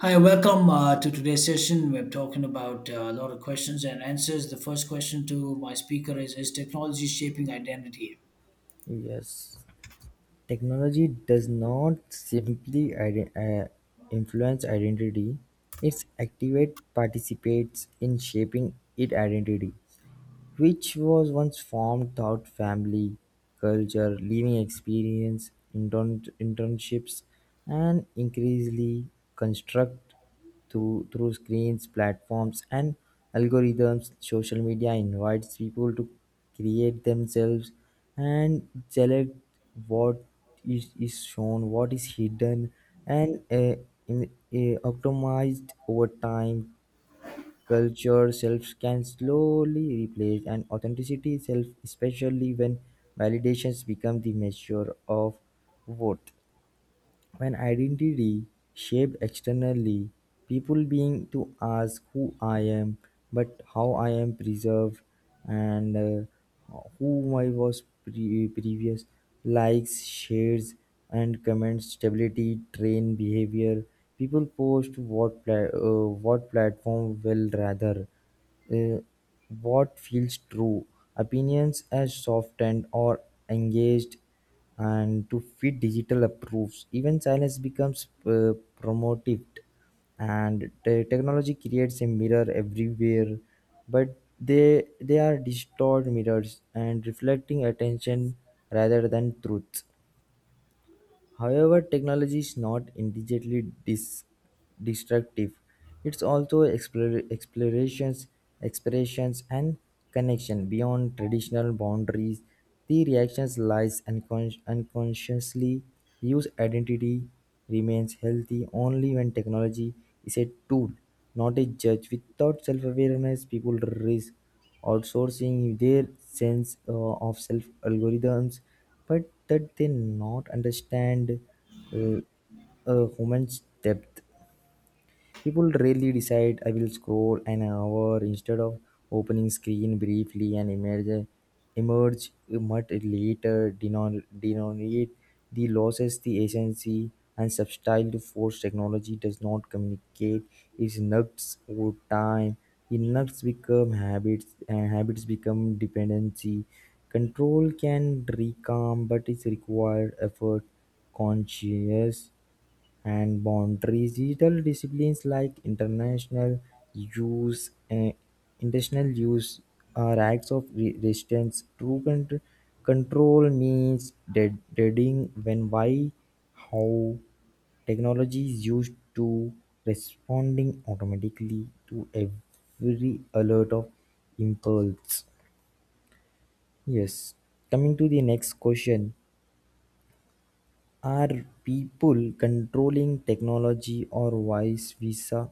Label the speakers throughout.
Speaker 1: Hi, welcome to today's session. We're talking about a lot of questions and answers. The first question to my speaker is technology shaping identity?
Speaker 2: Yes, technology does not simply influence identity, it activate participates in shaping it identity which was once formed through family, culture, living experience, internships, and increasingly construct through screens, platforms, and algorithms. Social media invites people to create themselves and select what is shown, what is hidden, and optimized over time. Culture self can slowly replace an authenticity self, especially when validations become the measure of worth. When identity shaped externally, people being to ask who I am, but how I am preserved and who I was previous. Likes, shares, and comments, stability, train behavior. People post what platform will rather uh, what feels true. Opinions as softened or engaged and to fit digital approves, even silence becomes promoted, and the technology creates a mirror everywhere, but they are distorted mirrors and reflecting attention rather than truth. However, technology is not immediately destructive. It's also explorations, expressions, and connection beyond traditional boundaries. The reactions lies unconsciously. Use identity remains healthy only when technology is a tool, not a judge. Without self-awareness, people risk outsourcing their sense of self algorithms, but that they not understand uh, a human's depth. People rarely decide I will scroll an hour instead of opening screen briefly and emerge much later denominate the losses the agency and substyle to force technology does not communicate its nuts over time. The nuts become habits and habits become dependency. Control can recalm, but it requires effort, conscious, and boundaries. Digital disciplines like International use and intentional use are acts of resistance. True control means deciding when, why, how technology is used to responding automatically to every alert of impulse. Yes. Coming to the next question. Are people controlling technology or vice versa?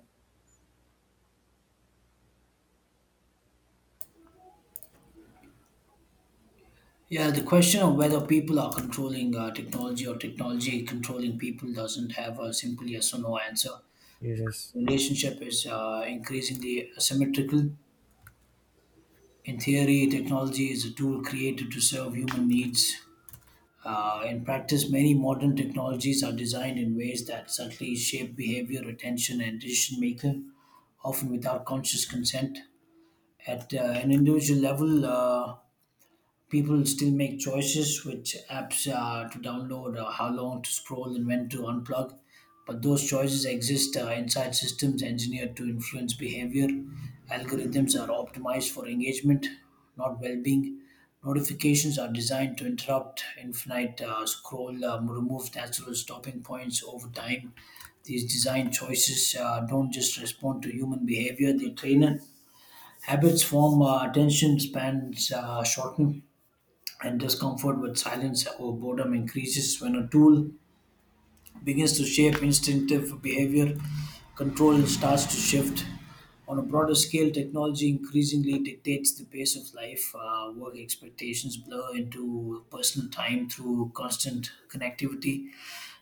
Speaker 1: Yeah, the question of whether people are controlling technology or technology controlling people doesn't have a simple yes or no answer.
Speaker 2: Yes.
Speaker 1: The relationship is increasingly asymmetrical. In theory, technology is a tool created to serve human needs. In practice, many modern technologies are designed in ways that subtly shape behavior, attention, and decision making, often without conscious consent. At an individual level, people still make choices which apps to download, how long to scroll, and when to unplug. But those choices exist inside systems engineered to influence behavior. Algorithms are optimized for engagement, not well being. Notifications are designed to interrupt infinite scroll, remove natural stopping points over time. These design choices don't just respond to human behavior, they train it. Habits form, attention spans shorten, and discomfort with silence or boredom increases. When a tool begins to shape instinctive behavior, control starts to shift. On a broader scale, technology increasingly dictates the pace of life. Work expectations blur into personal time through constant connectivity.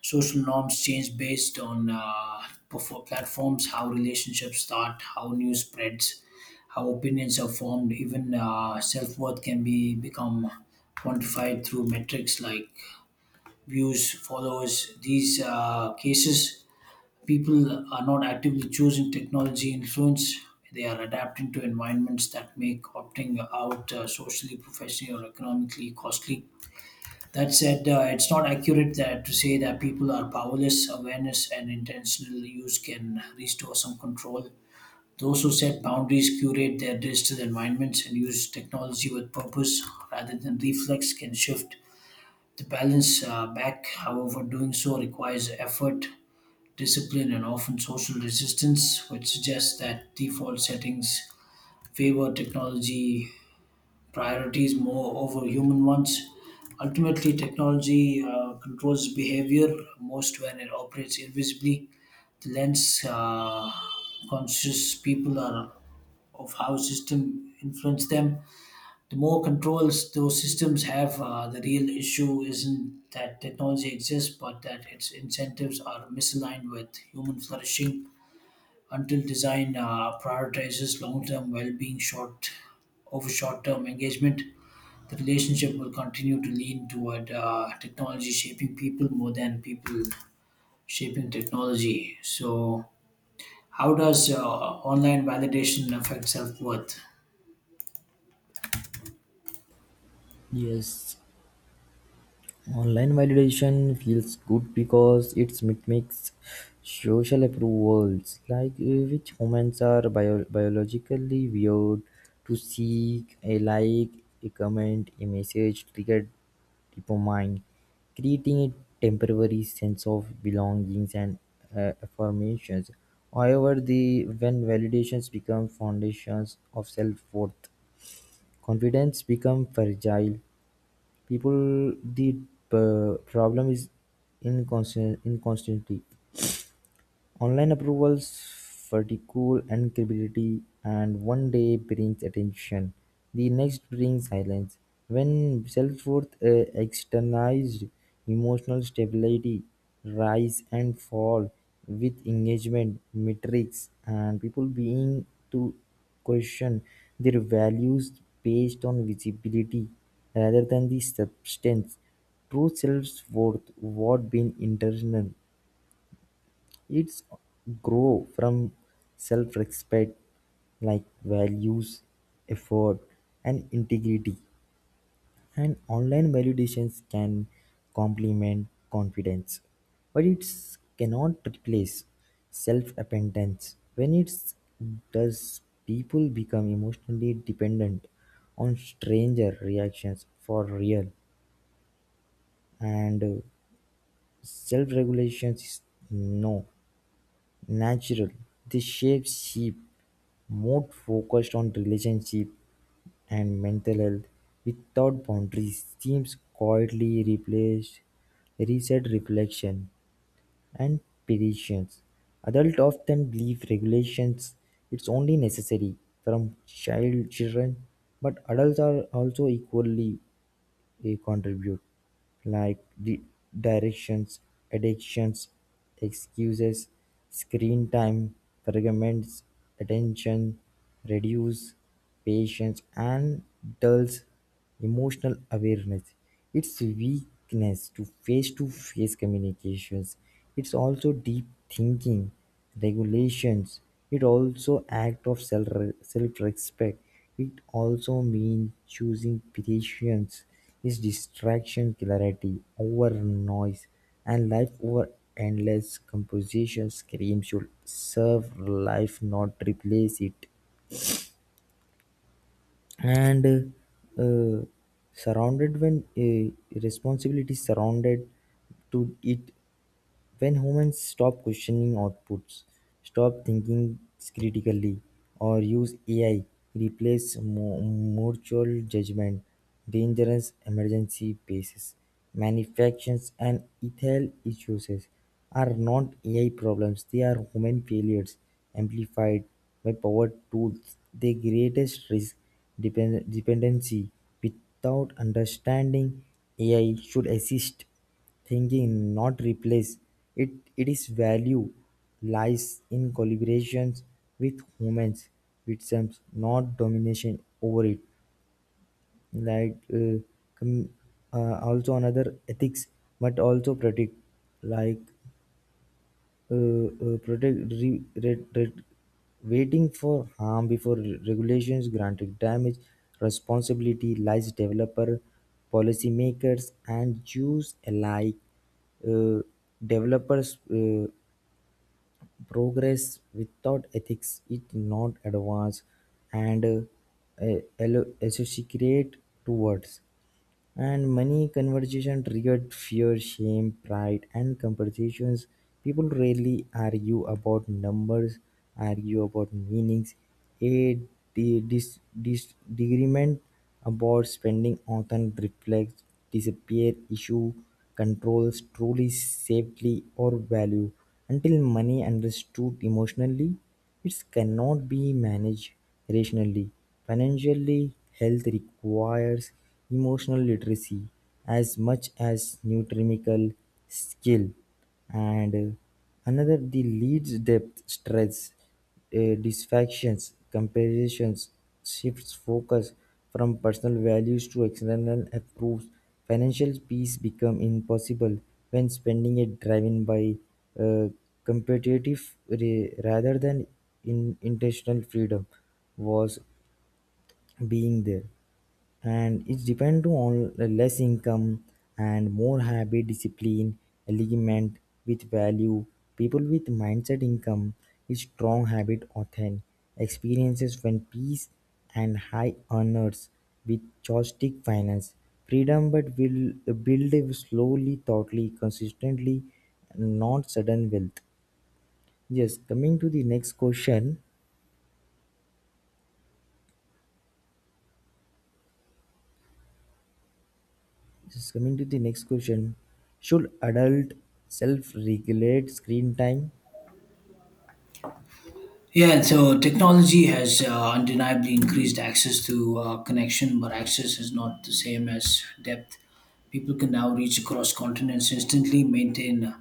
Speaker 1: Social norms change based on platforms, how relationships start, how news spreads, how opinions are formed. Even self worth can be become quantified through metrics like views, followers. These cases, people are not actively choosing technology influence. They are adapting to environments that make opting out socially, professionally, or economically costly. That said, it's not accurate that to say that people are powerless. Awareness and intentional use can restore some control. Those who set boundaries, curate their digital environments, and use technology with purpose rather than reflex can shift the balance back. However, doing so requires effort, discipline, and often social resistance, which suggests that default settings favor technology priorities more over human ones. Ultimately, technology controls behavior most when it operates invisibly. The lens conscious people are of how system influence them, the more controls those systems have. The real issue isn't that technology exists, but that its incentives are misaligned with human flourishing. Until design prioritizes long-term well-being short over short-term engagement, the relationship will continue to lean toward technology shaping people more than people shaping technology. So, how does online validation affect self worth?
Speaker 2: Yes. Online validation feels good because it mimics social approvals, like which humans are biologically weird to seek a like, a comment, a message triggered dopamine, creating a temporary sense of belongings and affirmations. However, the when validations become foundations of self-worth, confidence become fragile people the problem is inconsistent inconsistency. Online approvals ridicule and credibility, and one day brings attention, the next brings silence. When self-worth externalized, emotional stability rise and fall with engagement metrics and people being to question their values based on visibility rather than the substance. True self-worth what being internal, it's grow from self-respect like values, effort, and integrity. And online validations can complement confidence, but it cannot replace self-dependence. When it does, people become emotionally dependent on stranger reactions for real, and self-regulation is no natural. The shapes sheep more focused on relationship and mental health without boundaries seems quietly replaced reset reflection and patience. Adults often believe regulations it's only necessary from child children, but adults are also equally he contributed, like the directions, addictions, excuses, screen time, fragments, attention, reduce, patience, and dulls emotional awareness. It's weakness to face communications. It's also deep thinking. Regulations, it also act of self-respect, self-respect. It also means choosing patience is distraction clarity over noise and life over endless composition scream should serve life not replace it, and uh, surrounded when responsibility surrounded to it. When humans stop questioning outputs, stop thinking critically, or use AI, replace mutual judgment, dangerous emergency bases, manufactures, and ethical issues are not AI problems, they are human failures amplified by power tools. The greatest risk dependency. Without understanding, AI should assist thinking, not replace it. Its value lies in collaborations with humans itself, not domination over it. Like com- also another ethics, but also protect like uh, protect waiting for harm before regulations granted damage, responsibility lies developer, policymakers, and jews alike. uh, Developers, progress without ethics it not advance. And associate towards and money conversation triggered fear, shame, pride, and competitions. People rarely argue about numbers, argue about meanings. A disagreement about spending often reflects disappear issue controls truly safely or value until money understood emotionally, it cannot be managed rationally. Financially. Health requires emotional literacy as much as nutritional skill. And another, the leads depth, stress, distractions, comparisons, shifts focus from personal values to external approves. Financial peace become impossible when spending it driven by uh, competitive, rather than in intentional freedom, was being there, and it depend on less income and more habit discipline, alignment with value. People with mindset income is strong habit often experiences when peace and high earners with joystick finance freedom but will build slowly, thoughtfully, consistently, not sudden wealth. Yes, coming to the next question. Just coming to the next question. Should adult self regulate screen time?
Speaker 1: Yeah, and so technology has undeniably increased access to connection, but access is not the same as depth. People can now reach across continents instantly, maintain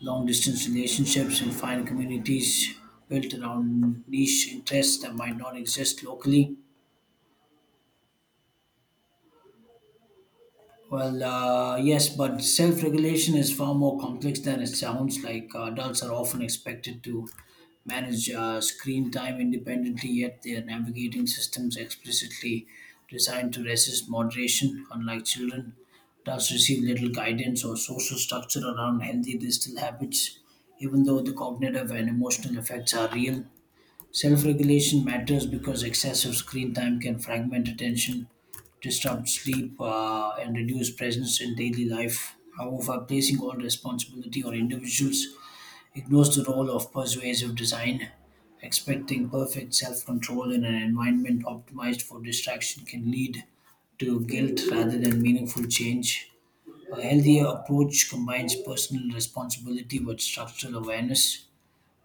Speaker 1: long distance relationships, and find communities built around niche interests that might not exist locally. Well, yes, but self regulation is far more complex than it sounds like. Adults are often expected to manage screen time independently, yet they are navigating systems explicitly designed to resist moderation. Unlike children, adults receive little guidance or social structure around healthy digital habits, even though the cognitive and emotional effects are real. Self regulation matters because excessive screen time can fragment attention, disrupt sleep, and reduce presence in daily life. However, placing all responsibility on individuals ignores the role of persuasive design. Expecting perfect self control in an environment optimized for distraction can lead to guilt rather than meaningful change. A healthier approach combines personal responsibility with structural awareness.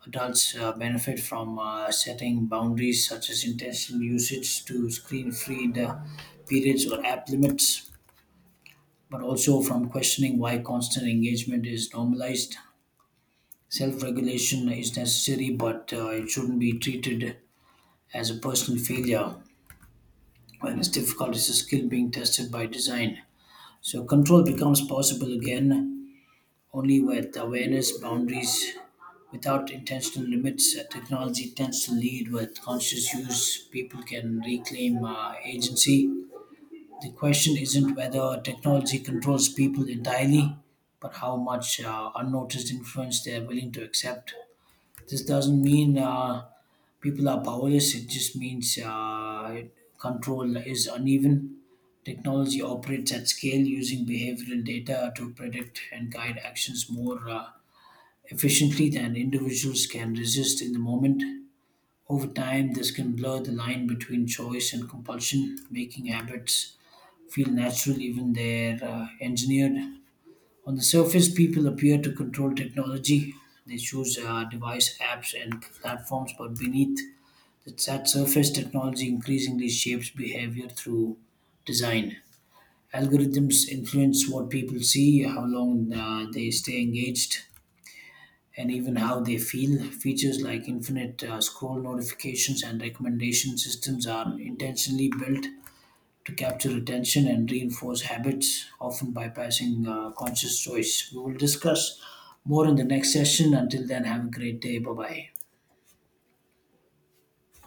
Speaker 1: Adults benefit from setting boundaries such as intentional usage, to screen free periods or app limits, but also from questioning why constant engagement is normalized. Self regulation is necessary, but it shouldn't be treated as a personal failure. When it's difficult, it's a skill being tested by design. So, control becomes possible again only with awareness, boundaries. Without intentional limits, technology tends to lead. With conscious use, people can reclaim agency. The question isn't whether technology controls people entirely, but how much unnoticed influence they're willing to accept. This doesn't mean people are powerless, it just means control is uneven. Technology operates at scale, using behavioral data to predict and guide actions more efficiently than individuals can resist in the moment. Over time, this can blur the line between choice and compulsion, making habits feel natural even they're engineered. On the surface, people appear to control technology. They choose device apps and platforms, but beneath that surface, technology increasingly shapes behavior through design. Algorithms influence what people see, how long they stay engaged, and even how they feel. Features like infinite scroll notifications and recommendation systems are intentionally built to capture attention and reinforce habits, often bypassing conscious choice. We will discuss more in the next session. Until then, have a great day. Bye bye.